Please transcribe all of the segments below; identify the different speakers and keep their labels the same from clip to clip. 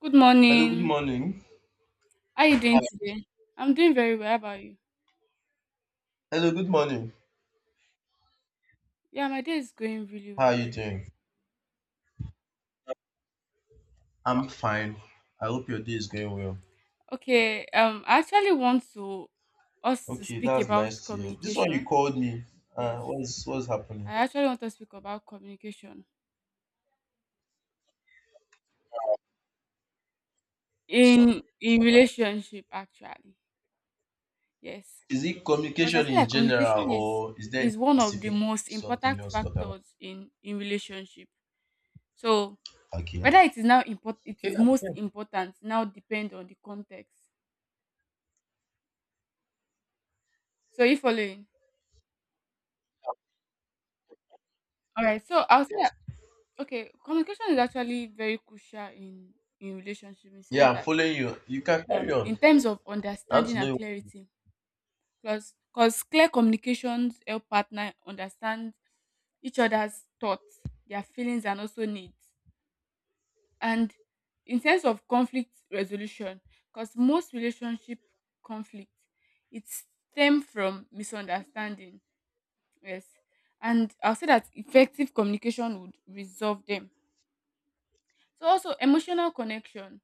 Speaker 1: Good
Speaker 2: Hello, good
Speaker 1: morning.
Speaker 2: morning.
Speaker 1: How are you doing today? I'm doing very well. How about you?
Speaker 2: Hello, good morning.
Speaker 1: Yeah, my day is going really
Speaker 2: How are
Speaker 1: well.
Speaker 2: you doing? I'm fine. I hope your day is going well.
Speaker 1: Okay, I actually want to us to
Speaker 2: Okay,
Speaker 1: speak
Speaker 2: that's
Speaker 1: about
Speaker 2: nice to hear. This one you
Speaker 1: communication.
Speaker 2: called me.
Speaker 1: Yes,
Speaker 2: What's happening?
Speaker 1: I actually want to speak about communication. Sure. In relationship actually. Yes,
Speaker 2: Is it
Speaker 1: because I
Speaker 2: communication
Speaker 1: feel
Speaker 2: in
Speaker 1: like
Speaker 2: general,
Speaker 1: communication
Speaker 2: or is there any
Speaker 1: is one of the
Speaker 2: specific
Speaker 1: most
Speaker 2: something you
Speaker 1: important
Speaker 2: want to talk about?
Speaker 1: factors in relationship. So whether
Speaker 2: Okay.
Speaker 1: it is now import, it
Speaker 2: Okay.
Speaker 1: is
Speaker 2: I'm
Speaker 1: most
Speaker 2: here.
Speaker 1: important now depend on the context. So you following? All right, so I'll say that okay, communication is actually very crucial in relationship in the
Speaker 2: Yeah,
Speaker 1: sense
Speaker 2: I'm
Speaker 1: that
Speaker 2: following you. You can carry on.
Speaker 1: in terms of
Speaker 2: I want
Speaker 1: understanding
Speaker 2: to
Speaker 1: and
Speaker 2: know.
Speaker 1: clarity, because clear communications help partner understand each other's thoughts, their feelings, and also needs. And in terms of conflict resolution, because most relationship conflict it stem from misunderstanding. Yes, and I'll say that effective communication would resolve them. So also emotional connection,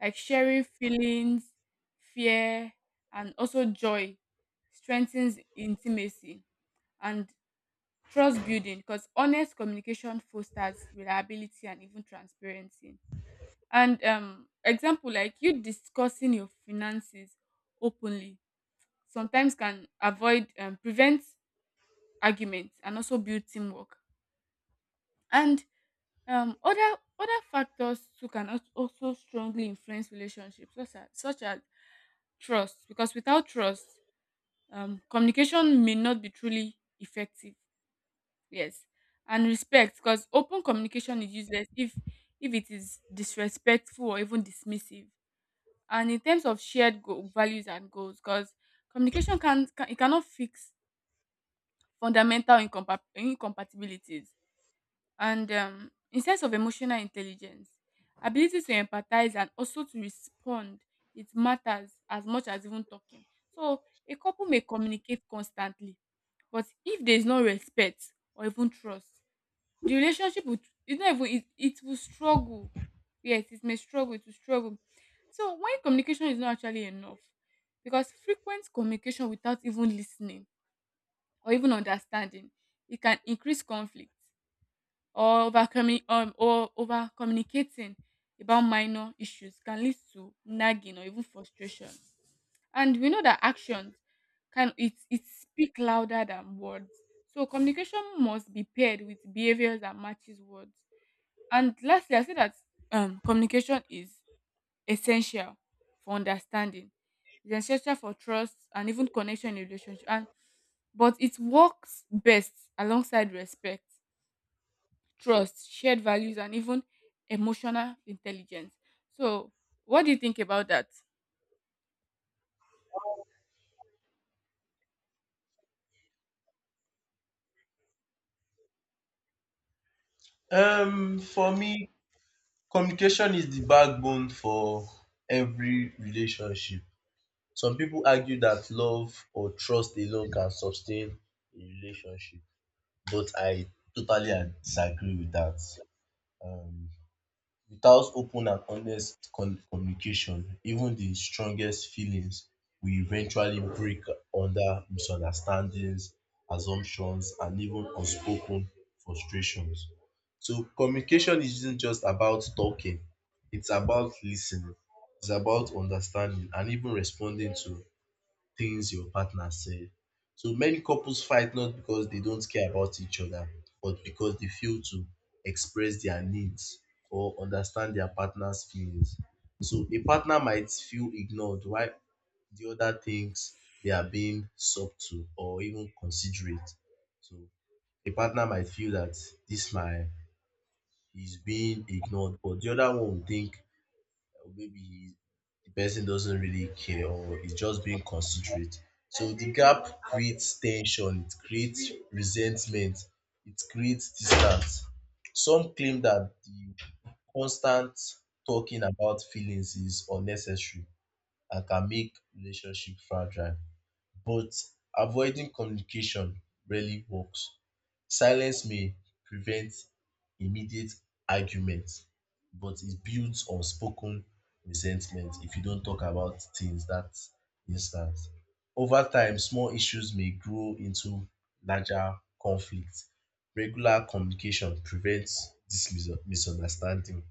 Speaker 1: like sharing feelings, fear, and also joy, strengthens intimacy and trust building, because honest communication fosters reliability and even transparency. And example like you discussing your finances openly sometimes can avoid prevent arguments and also build teamwork. And other factors too can also strongly influence relationships, such as trust, because without trust, communication may not be truly effective. Yes, and respect, because open communication is useless if it is disrespectful or even dismissive. And in terms of shared values and goals, because communication can it cannot fix fundamental incompatibilities. And in sense of emotional intelligence, ability to empathize and also to respond, it matters as much as even talking. So a couple may communicate constantly, but if there is no respect or even trust, the relationship will it's not even it will struggle. Yes, it may struggle, it will struggle. So when communication is not actually enough, because frequent communication without even listening or even understanding, it can increase conflict or overcoming or over communicating about minor issues can lead to nagging or even frustration. And we know that actions can it speak louder than words, so communication must be paired with behaviors that matches words. And lastly I say that communication is essential for understanding. It's essential for trust and even connection in relationship, and but it works best alongside respect, trust, shared values, and even emotional intelligence. So, what do you think about that?
Speaker 2: For me, communication is the backbone for every relationship. Some people argue that love or trust alone can sustain a relationship, but I totally disagree with that. Um, Without open and honest communication, even the strongest feelings will eventually break under misunderstandings, assumptions, and even unspoken frustrations. So communication isn't just about talking, it's about listening, it's about understanding, and even responding to things your partner said. So many couples fight not because they don't care about each other, but because they fail to express their needs or understand their partner's feelings. So a partner might feel ignored while the other thinks they are being subtle or even considerate. So a partner might feel that this my is being ignored, but the other one will think or maybe he, the person doesn't really care or is just being considerate. So the gap creates tension, it creates resentment, it creates distance. Some claim that the constant talking about feelings is unnecessary and can make relationship fragile. But avoiding communication rarely works. Silence may prevent immediate argument, but it builds unspoken resentment if you don't talk about things that instant. Over time, small issues may grow into larger conflicts. Regular communication prevents this misunderstanding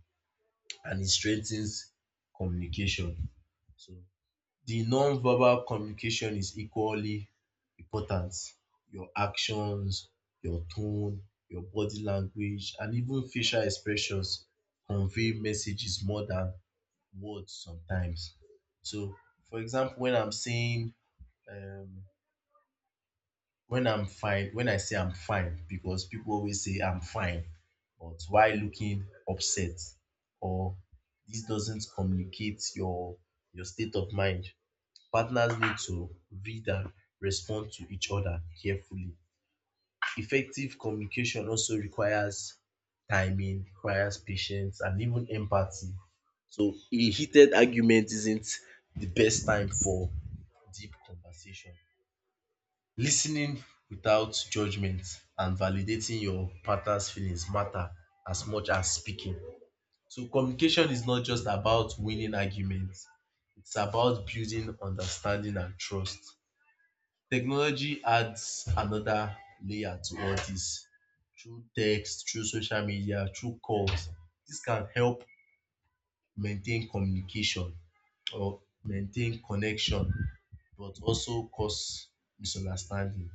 Speaker 2: and it strengthens communication. So the non-verbal communication is equally important. Your actions, your tone, your body language, and even facial expressions convey messages more than words sometimes. So, for example, when I'm saying, um, when I'm fine, when I say I'm fine, because people always say I'm fine, but why looking upset, or this doesn't communicate your state of mind, partners need to read and respond to each other carefully. Effective communication also requires timing, requires patience, and even empathy. So a heated argument isn't the best time for deep conversation. Listening without judgment and validating your partner's feelings matter as much as speaking. So communication is not just about winning arguments; it's about building understanding and trust. Technology adds another layer to all this through text, through social media, through calls. This can help maintain communication or maintain connection but also cause misunderstanding.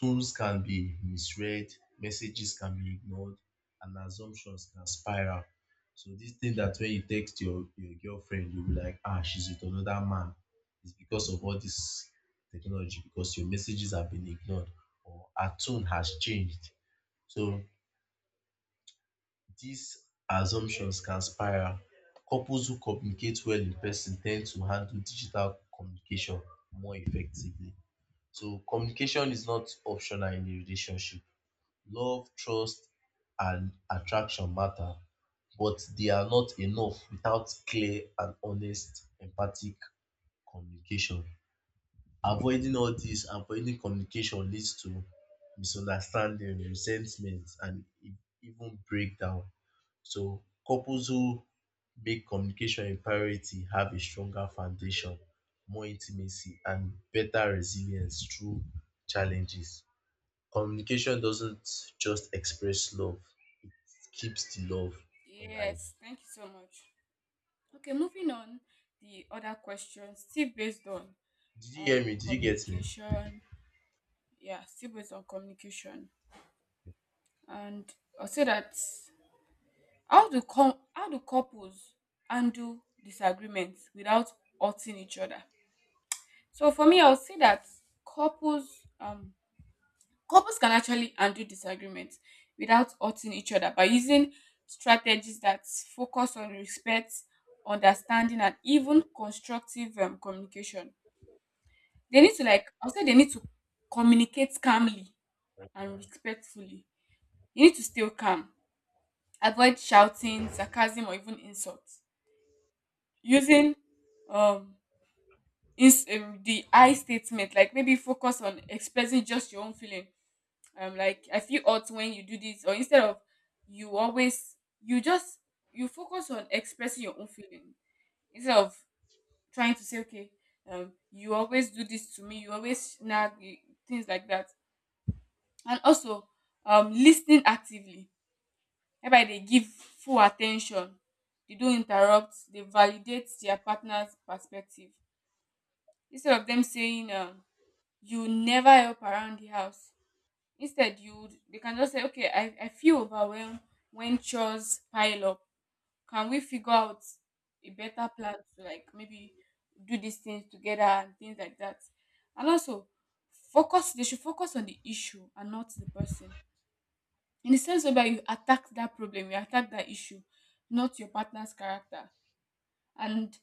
Speaker 2: Tools can be misread, messages can be ignored, and assumptions can spiral. So this thing that when you text your girlfriend, you'll be like, ah, she's with another man. It's because of all this technology, because your messages have been ignored or her tone has changed. So these assumptions can spiral. Couples who communicate well in person tend to handle digital communication more effectively. So communication is not optional in a relationship. Love, trust, and attraction matter, but they are not enough without clear and honest empathic communication. Avoiding all this, avoiding communication leads to misunderstanding, resentment, and even breakdown. So couples who make communication a priority have a stronger foundation, more intimacy, and better resilience through challenges. Communication doesn't just express love, keeps the love alive.
Speaker 1: Yes, thank you so much. Okay, moving on, the other question, still based on
Speaker 2: Did you hear me? Did you get me?
Speaker 1: communication. Yeah, still based on communication. And I'll say that how do couples handle disagreements without hurting each other? So for me, I'll say that couples um couples can actually undo disagreements without hurting each other by using strategies that focus on respect, understanding, and even constructive communication. They need to like I'll say they need to communicate calmly and respectfully. You need to stay calm, avoid shouting, sarcasm, or even insults. Using um the I statement, like maybe focus on expressing just your own feeling. I'm like, I feel odd when you do this, or instead of you always, you just, you focus on expressing your own feeling instead of trying to say, okay, you always do this to me, you always nag, you- things like that. And also, listening actively, whereby they give full attention, they don't interrupt, they validate their partner's perspective instead of them saying, you never help around the house. Instead, you they can just say, okay, I feel overwhelmed when chores pile up. Can we figure out a better plan to like maybe do these things together and things like that? And also, focus. They should focus on the issue and not the person. In the sense whereby you attack that problem, you attack that issue, not your partner's character. And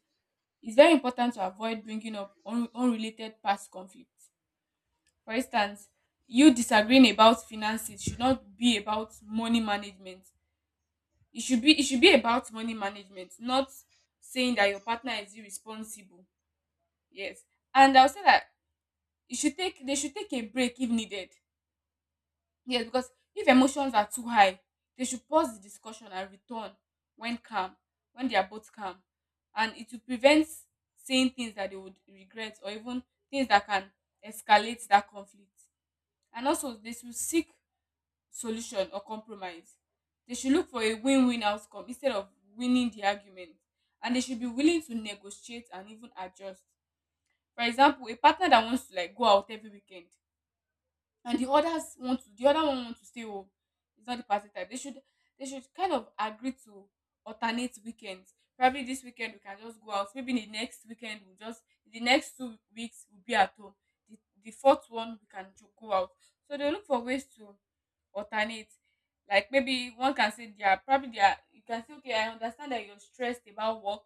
Speaker 1: it's very important to avoid bringing up unrelated past conflicts. For instance, you disagreeing about finances should not be about money management. It should be about money management, not saying that your partner is irresponsible. Yes. And I'll say that you should take they should take a break if needed. Yes, because if emotions are too high, they should pause the discussion and return when calm, when they are both calm. And it will prevent saying things that they would regret or even things that can escalate that conflict. And also they should seek solution or compromise. They should look for a win win outcome instead of winning the argument. And they should be willing to negotiate and even adjust. For example, a partner that wants to like go out every weekend and the others want to the other one want to stay home, it's not the party type. They should they should kind of agree to alternate weekends. Probably this weekend we can just go out, maybe the next weekend we'll just the next 2 weeks we'll be at home, the fourth one we can go out. So they look for ways to alternate. Like maybe one can say they are probably they are you can say okay I understand that you're stressed about work,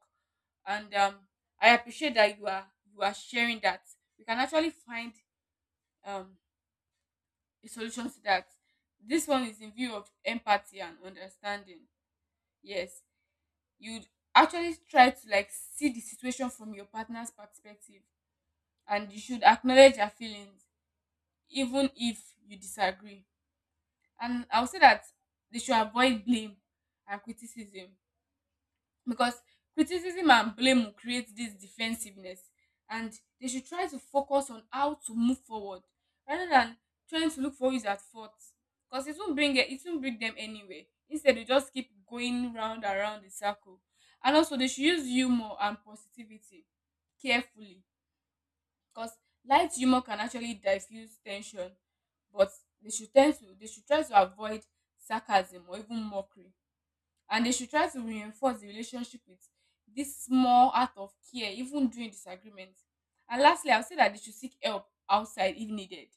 Speaker 1: and I appreciate that you are sharing that. You can actually find um a solution to that. This one is in view of empathy and understanding. Yes, you'd actually try to like see the situation from your partner's perspective, and you should acknowledge their feelings even if you disagree. And I'll say that they should avoid blame and criticism, because criticism and blame will create this defensiveness, and they should try to focus on how to move forward rather than trying to look for who is at fault, because it won't bring it it won't bring them anywhere. Instead they just keep going round and round the circle. And also they should use humor and positivity carefully, because light humor can actually diffuse tension, but they should tend to they should try to avoid sarcasm or even mockery. And they should try to reinforce the relationship with this small act of care even during disagreement. And lastly I'll say that they should seek help outside if needed.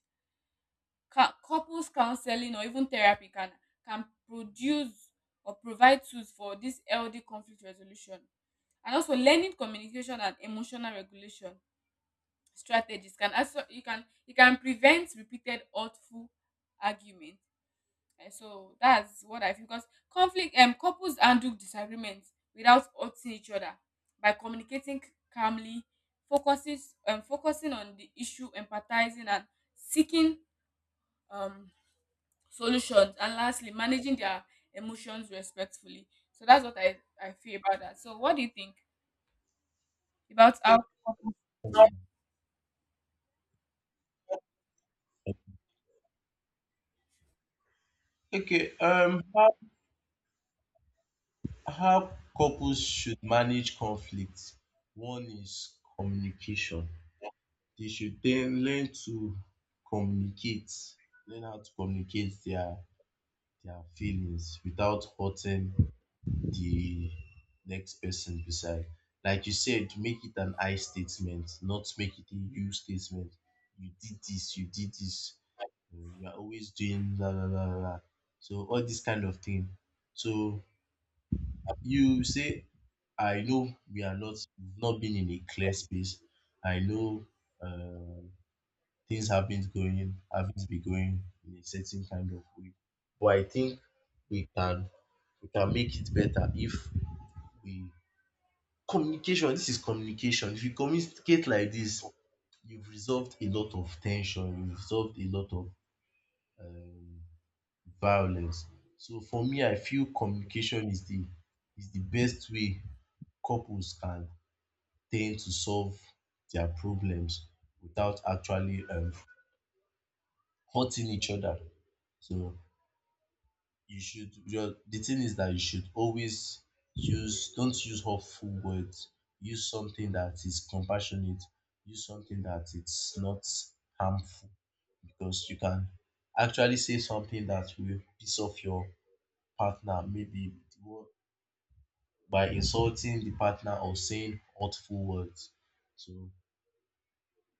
Speaker 1: Couples counseling or even therapy can produce or provide tools for this healthy conflict resolution, and also learning communication and emotional regulation strategies can also you can prevent repeated hurtful argument. And so that's what I feel, because conflict couples handle disagreements without hurting each other by communicating calmly, focusing focusing on the issue, empathizing and seeking um solutions, and lastly managing their emotions respectfully. So that's what I feel about that. So what do you think about how
Speaker 2: Okay. Yes. How couples should manage conflict. One is communication. They should then learn to communicate, learn how to communicate their feelings without hurting the next person beside. Like you said, make it an I statement, not make it a you statement. You did this, You are always doing la la la la. So all this kind of thing. So you say, I know we are not not been in a clear space. I know, uh, things haven't going haven't been going in a certain kind of way. But I think we can we can make it better if we. Communication, this is communication. If you communicate like this, you've resolved a lot of tension. You've resolved a lot of violence. So for me, I feel communication is the best way couples can tend to solve their problems without actually hurting each other. So your the thing is that you should always use — don't use hurtful words, use something that is compassionate, use something that it's not harmful, because you can actually say something that will piss off your partner, maybe by insulting the partner or saying hurtful words. So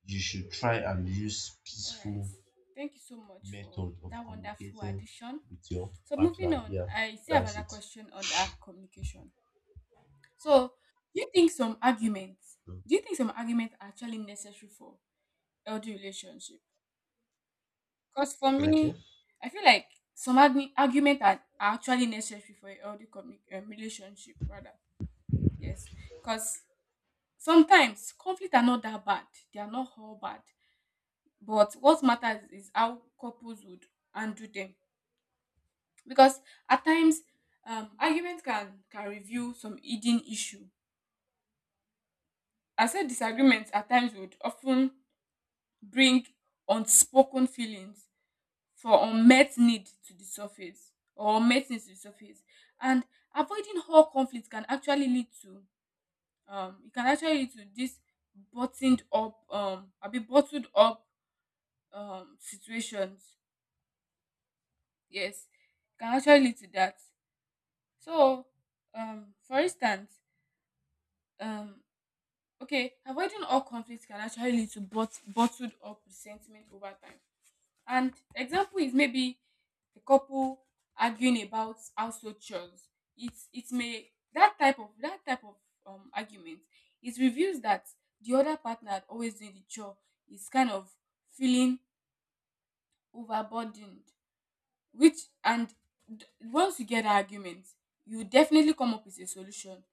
Speaker 2: you should try and use
Speaker 1: all right.
Speaker 2: peaceful
Speaker 1: Thank you so much for
Speaker 2: method of
Speaker 1: that wonderful
Speaker 2: communicating
Speaker 1: addition.
Speaker 2: with your
Speaker 1: So moving
Speaker 2: partner.
Speaker 1: on,
Speaker 2: Yeah,
Speaker 1: I still have
Speaker 2: that's
Speaker 1: another
Speaker 2: it.
Speaker 1: question on that communication. So, do you think some arguments,
Speaker 2: Mm.
Speaker 1: do you think some arguments are actually necessary for healthy relationship? Because for
Speaker 2: okay
Speaker 1: me, I feel like arguments are actually necessary for a healthy relationship, rather. Yes, because sometimes conflict are not that bad. They are not all bad. But what matters is how couples would undo them. Because at times, arguments can reveal some hidden issue. I said disagreements at times would often bring unspoken feelings for unmet need to the surface or unmet needs to the surface, and avoiding all conflict can actually lead to it can actually lead to this buttoned up I'll be bottled up situations. Yes, e can actually lead to that. So for instance um okay avoiding all conflict can actually lead to bottled up resentment over time. And example is maybe a couple arguing about household chores. It's it may that type of argument it reveals that the other partner always doing the chore is kind of feeling overburdened. Which and once you get that argument, you definitely come up with a solution.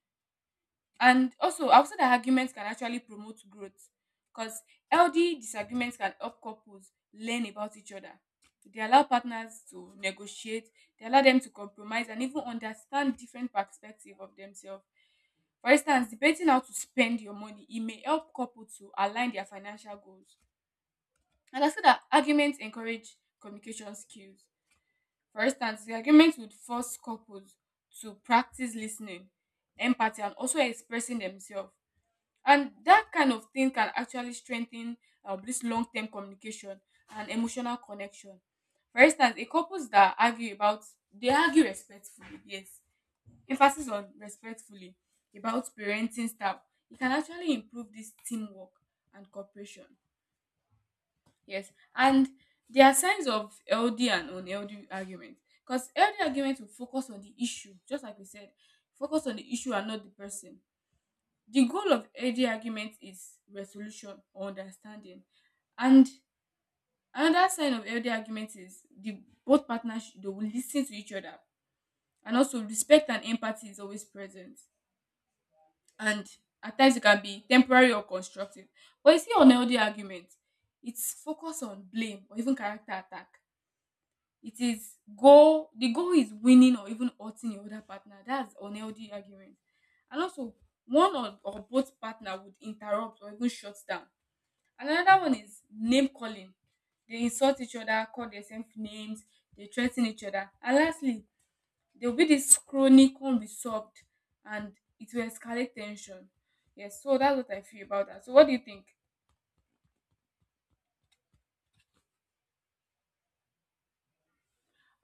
Speaker 1: And also, I've said that arguments can actually promote growth, because healthy disagreements can help couples learn about each other. They allow partners to negotiate, they allow them to compromise, and even understand different perspectives of themselves. For instance, debating how to spend your money, it may help couples to align their financial goals. And I said that arguments encourage communication skills. For instance, the arguments would force couples to practice listening, empathy, and also expressing themselves, and that kind of thing can actually strengthen this long-term communication and emotional connection. For instance a couples that argue about they argue respectfully, yes, emphasis on respectfully, about parenting style, it can actually improve this teamwork and cooperation. Yes, and there are signs of healthy and unhealthy arguments, because healthy arguments will focus on the issue. Just like we said, focus on the issue and not the person. The goal of healthy argument is resolution or understanding. And another sign of healthy argument is the both partners they will listen to each other, and also respect and empathy is always present. And at times it can be temporary or constructive. But you see unhealthy argument, it's focused on blame or even character attack. It is goal the goal is winning or even hurting your other partner. That's unhealthy argument. And also one or both partner would interrupt or even shut down. Another one is name calling. They insult each other, call themselves names, they threaten each other. And lastly, there will be this chronic unresolved, and it will escalate tension. Yes, so that's what I feel about that. So what do you think?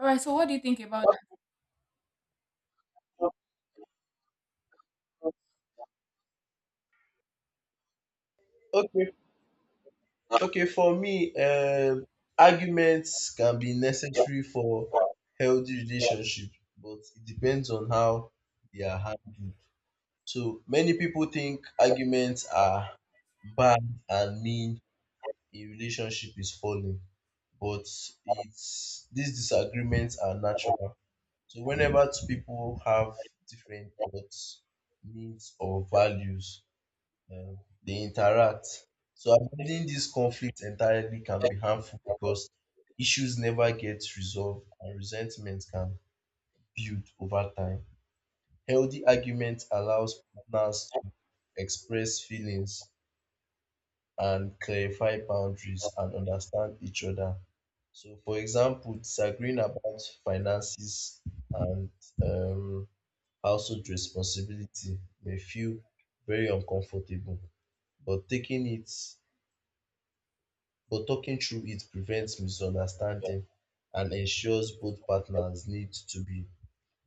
Speaker 1: All right, so what do you think about that?
Speaker 2: Okay. Okay, for me, arguments can be necessary for healthy relationship, but it depends on how they are handled. So many people think arguments are bad and mean a relationship is falling, but it's these disagreements are natural. So whenever two people have different thoughts, needs, or values, um, they interact. So avoiding these conflicts entirely can be harmful because issues never get resolved and resentment can build over time. Healthy argument allows partners to express feelings and clarify boundaries and understand each other. So, for example, disagreeing about finances and, um, household responsibility may feel very uncomfortable, but taking it but talking through it prevents misunderstanding and ensures both partners need to be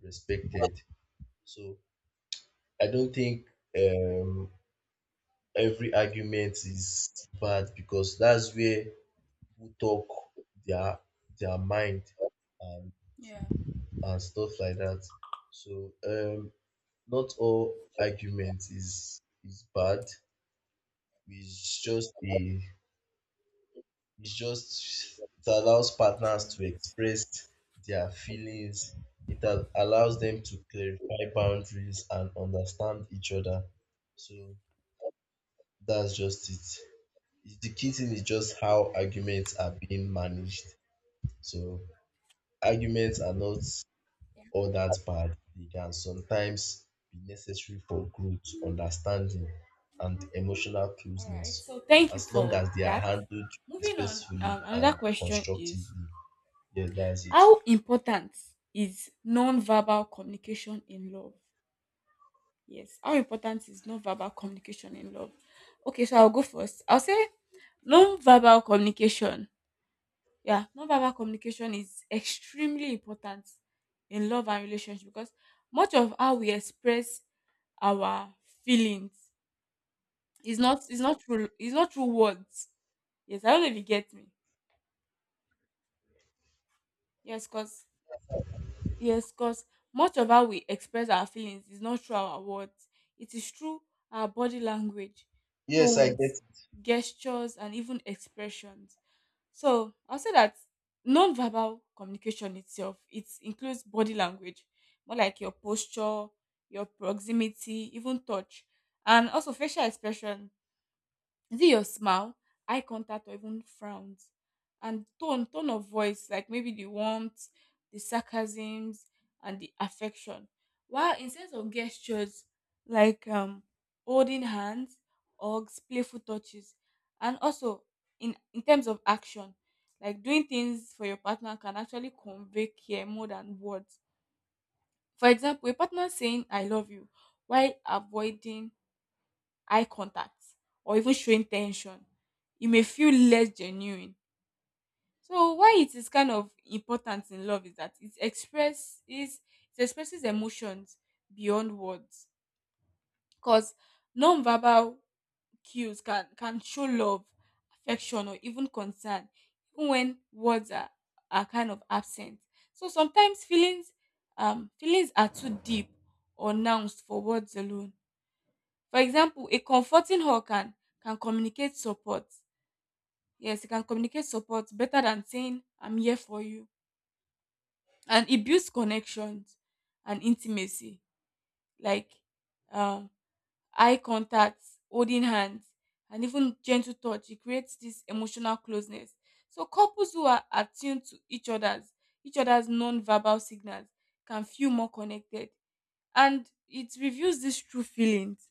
Speaker 2: respected. So I don't think um every argument is bad because that's where people talk their their mind and
Speaker 1: Yeah,
Speaker 2: stuff like that. So not all argument is bad. It's just a — It's just it allows
Speaker 1: true.
Speaker 2: partners to express their feelings. It allows them to clarify boundaries and understand each other. So that's just it. The key thing is just how arguments are being managed. So arguments are not all that bad. They can sometimes be necessary for growth, understanding, and emotional
Speaker 1: All right.
Speaker 2: closeness,
Speaker 1: So thank you
Speaker 2: as long as
Speaker 1: for
Speaker 2: they are
Speaker 1: that.
Speaker 2: handled
Speaker 1: Moving on,
Speaker 2: respectfully and
Speaker 1: another question is,
Speaker 2: constructively. Yes, that's it.
Speaker 1: how important is non-verbal communication in love? Yes. How important is non-verbal communication in love? Okay, so I'll go first. I'll say non-verbal communication. Yeah, non-verbal communication is extremely important in love and relationship, because much of how we express our feelings is not through words. Yes, I don't know if you get me. Yes, because Yes, because much of how we express our feelings is not through our words. It is through our body language,
Speaker 2: Yes, I get
Speaker 1: tones,
Speaker 2: it.
Speaker 1: gestures, and even expressions. So I'll say that non-verbal communication itself, it includes body language, more like your posture, your proximity, even touch, and also facial expression. Is it your smile, eye contact, or even frowns? And tone of voice, like maybe the warmth, the sarcasms, and the affection. While in sense of gestures, like holding hands, hugs, playful touches, and also in terms of action, like doing things for your partner can actually convey care more than words. For example, a partner saying "I love you" while avoiding eye contact or even showing tension, you may feel less genuine. So why it is kind of important in love is that it expresses emotions beyond words, because non-verbal cues can show love, affection, or even concern even when words are kind of absent. So sometimes feelings, feelings are too deep or nuanced for words alone. For example, a comforting hug can communicate support. Yes, it can communicate support better than saying I'm here for you. And it builds connections and intimacy, like um, eye contact, holding hands, and even gentle touch. It creates this emotional closeness. So couples who are attuned to each other's non-verbal signals can feel more connected, and it reveals these true feelings.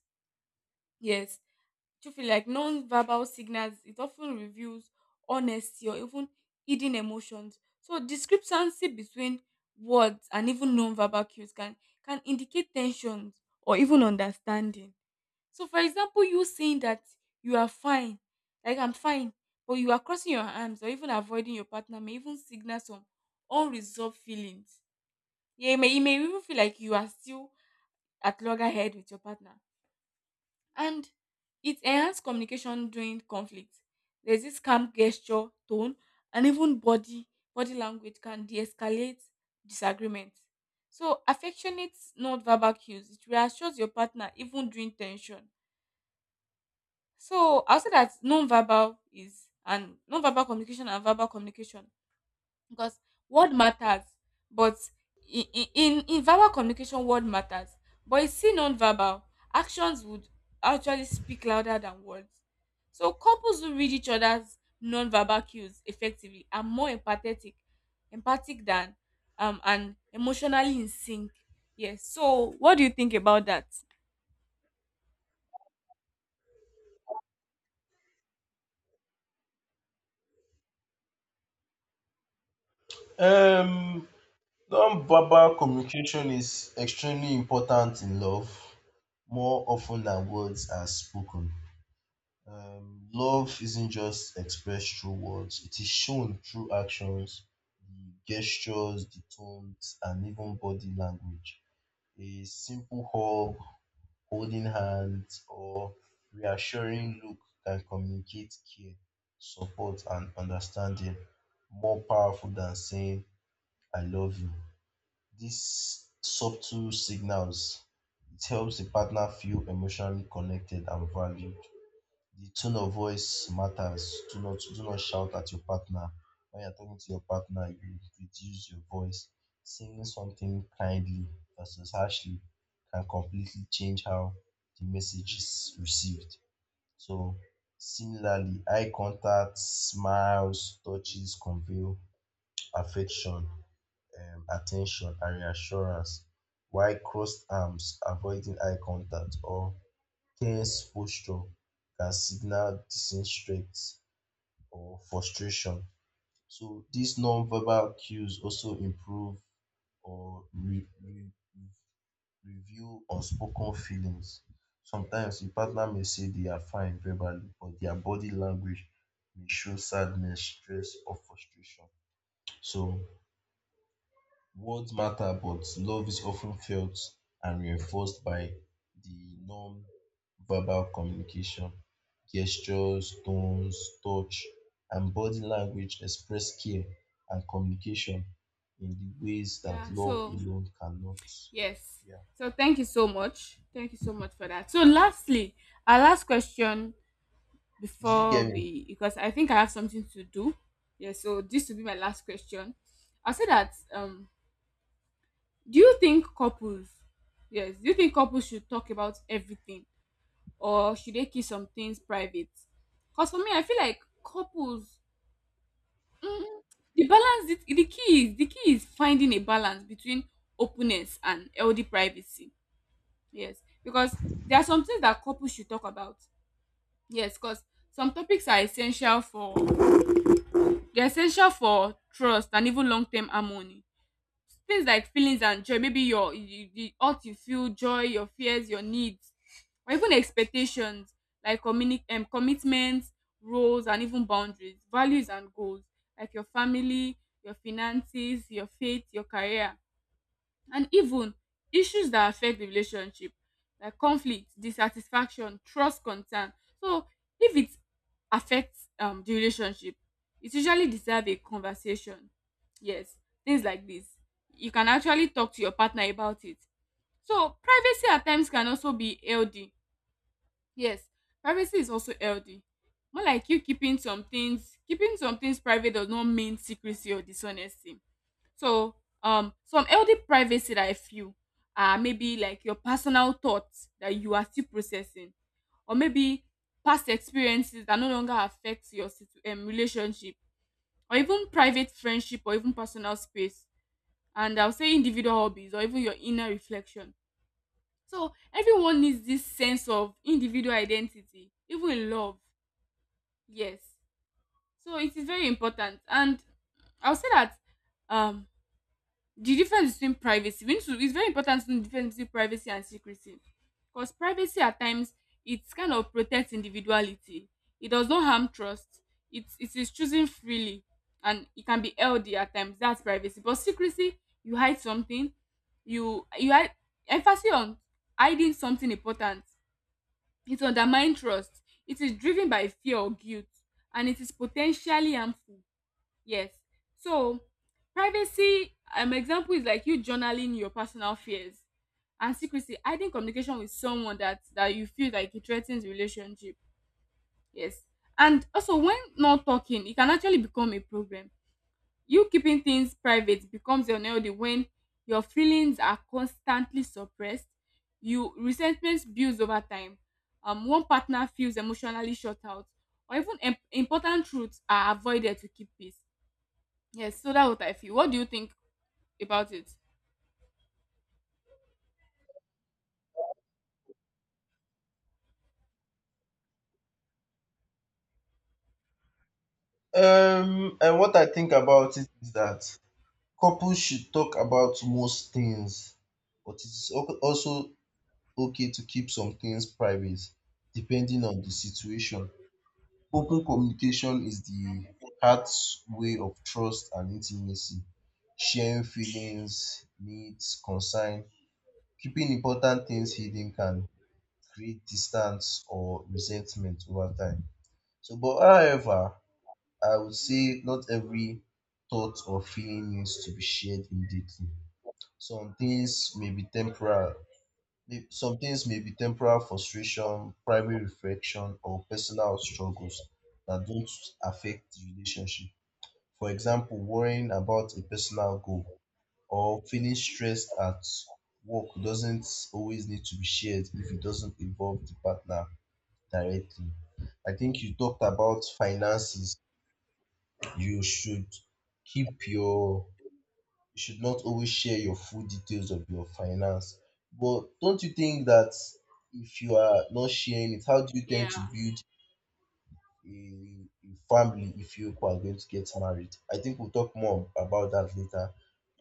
Speaker 1: Yes. Do you feel like non-verbal signals, it often reveals honesty or even hidden emotions. So discrepancy between words and even non-verbal cues can indicate tensions or even understanding. So for example, you saying that you are fine, like I'm fine, but you are crossing your arms or even avoiding your partner may even signal some unresolved feelings. Yeah, it may even feel like you are still at loggerhead with your partner, and it enhanced communication during conflict. There's this calm gesture, tone, and even body language can de-escalate disagreement. So affectionate non-verbal cues, it reassures your partner even during tension. So I'll say that non-verbal communication and verbal communication, because word matters, but in in verbal communication word matters, but in still non-verbal actions would actually speak louder than words. So couples who read each other's non-verbal cues effectively are more empathetic empathic than and emotionally in sync. Yes, so what do you think about that?
Speaker 2: Um, Non-verbal communication is extremely important in love, more often than words are spoken. Love isn't just expressed through words, it is shown through actions, the gestures, the tones, and even body language. A simple hug, holding hands, or reassuring look can communicate care, support, and understanding more powerful than saying, I love you. These subtle signals, it helps the partner feel emotionally connected and valued. The tone of voice matters. Do not shout at your partner. When you're talking to your partner, you reduce your voice. Saying something kindly versus harshly can completely change how the message is received. So similarly, eye contact, smiles, touches convey affection, attention and reassurance. While crossed arms, avoiding eye contact or tense posture can signal disinterest or frustration. So these non-verbal cues also improve or reveal unspoken feelings. Sometimes your partner may say they are fine verbally, but their body language may show sadness, stress, or frustration. So words matter, but love is often felt and reinforced by the non-verbal communication. Gestures, tones, touch, and body language express care and communication in the ways that
Speaker 1: Yeah,
Speaker 2: love
Speaker 1: so
Speaker 2: alone cannot.
Speaker 1: yes.
Speaker 2: Yeah.
Speaker 1: So thank you so much. Thank you so much for that. So lastly, our last question,
Speaker 2: Did you
Speaker 1: before
Speaker 2: get me?
Speaker 1: we because I think I have something to do. Yeah, so this will be my last question. I'll say that, do you think couples yes, do you think couples should talk about everything, or should they keep some things private? Because for me, I feel like couples, mm, the balance, the key is finding a balance between openness and healthy privacy. Yes, because there are some things that couples should talk about. Yes, because some topics are essential for trust and even long term harmony. Things like feelings and joy, maybe your you, the what you feel joy your fears, your needs, or even expectations, like commitments, roles, and even boundaries, values, and goals, like your family, your finances, your faith, your career, and even issues that affect the relationship, like conflict, dissatisfaction, trust concern. So if it affects the relationship, it usually deserve a conversation. Yes, things like this. You can actually talk to your partner about it. So privacy at times can also be healthy. Yes, privacy is also healthy. More like you keeping some things private does not mean secrecy or dishonesty. So, some healthy privacy that I feel are maybe like your personal thoughts that you are still processing, or maybe past experiences that no longer affect your relationship, or even private friendship, or even personal space. And I'll say individual hobbies, or even your inner reflection. So, everyone needs this sense of individual identity, even in love. Yes. So, it is very important. And I'll say that. Um, the difference between privacy we need to it's very important to know the difference between privacy and secrecy, because privacy at times, it kind of protects individuality, it does not harm trust, it is choosing freely, and it can be healthy at times. That's privacy. But secrecy, you hide something, you hide, emphasis on hiding something important, it undermines trust, it is driven by fear or guilt, and it is potentially harmful. Yes. So privacy, example is like you journaling your personal fears, and secrecy, hiding communication with someone that you feel like it threatens the relationship. Yes. And also when not talking, it can actually become a problem. You keeping things private becomes unhealthy when your feelings are constantly suppressed. You resentment builds over time. One partner feels emotionally shut out, or even important truths are avoided to keep peace. Yes, so that's what I feel. What do you think about it?
Speaker 2: And what I think about it is that couples should talk about most things, but it is also okay to keep some things private depending on the situation. Open communication is the heart's way of trust and intimacy, sharing feelings, needs, concern. Keeping important things hidden can create distance or resentment over time. So but however, I would say not every thought or feeling needs to be shared immediately. Some things may be temporal. Some things may be temporal frustration, primary reflection, or personal struggles that don't affect the relationship. For example, worrying about a personal goal or feeling stressed at work doesn't always need to be shared if it doesn't involve the partner directly. I think you talked about finances. You should keep your — you should not always share your full details of your finance. But don't you think that if you are not sharing it, how do you tend to
Speaker 1: Yeah,
Speaker 2: build a, a family if you are going to get married? I think we'll talk more about that later.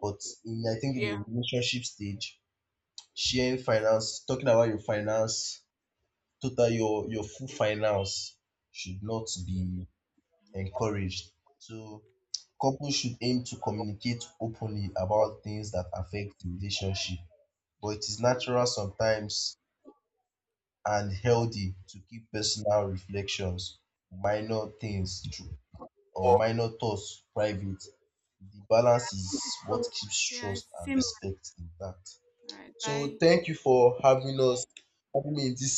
Speaker 2: But in, I think in
Speaker 1: yeah,
Speaker 2: the relationship stage, sharing
Speaker 1: true.
Speaker 2: finance, talking about your finance, total your full finance should not be encouraged. So couples should aim to communicate openly about things that affect the relationship, but it is natural sometimes and healthy to keep personal reflections, minor things, or minor thoughts private. The balance is
Speaker 1: Thank you so
Speaker 2: what
Speaker 1: much.
Speaker 2: keeps
Speaker 1: Yeah,
Speaker 2: trust
Speaker 1: it's the
Speaker 2: and
Speaker 1: same.
Speaker 2: respect intact.
Speaker 1: All right,
Speaker 2: So
Speaker 1: bye.
Speaker 2: thank you for having us, having me in this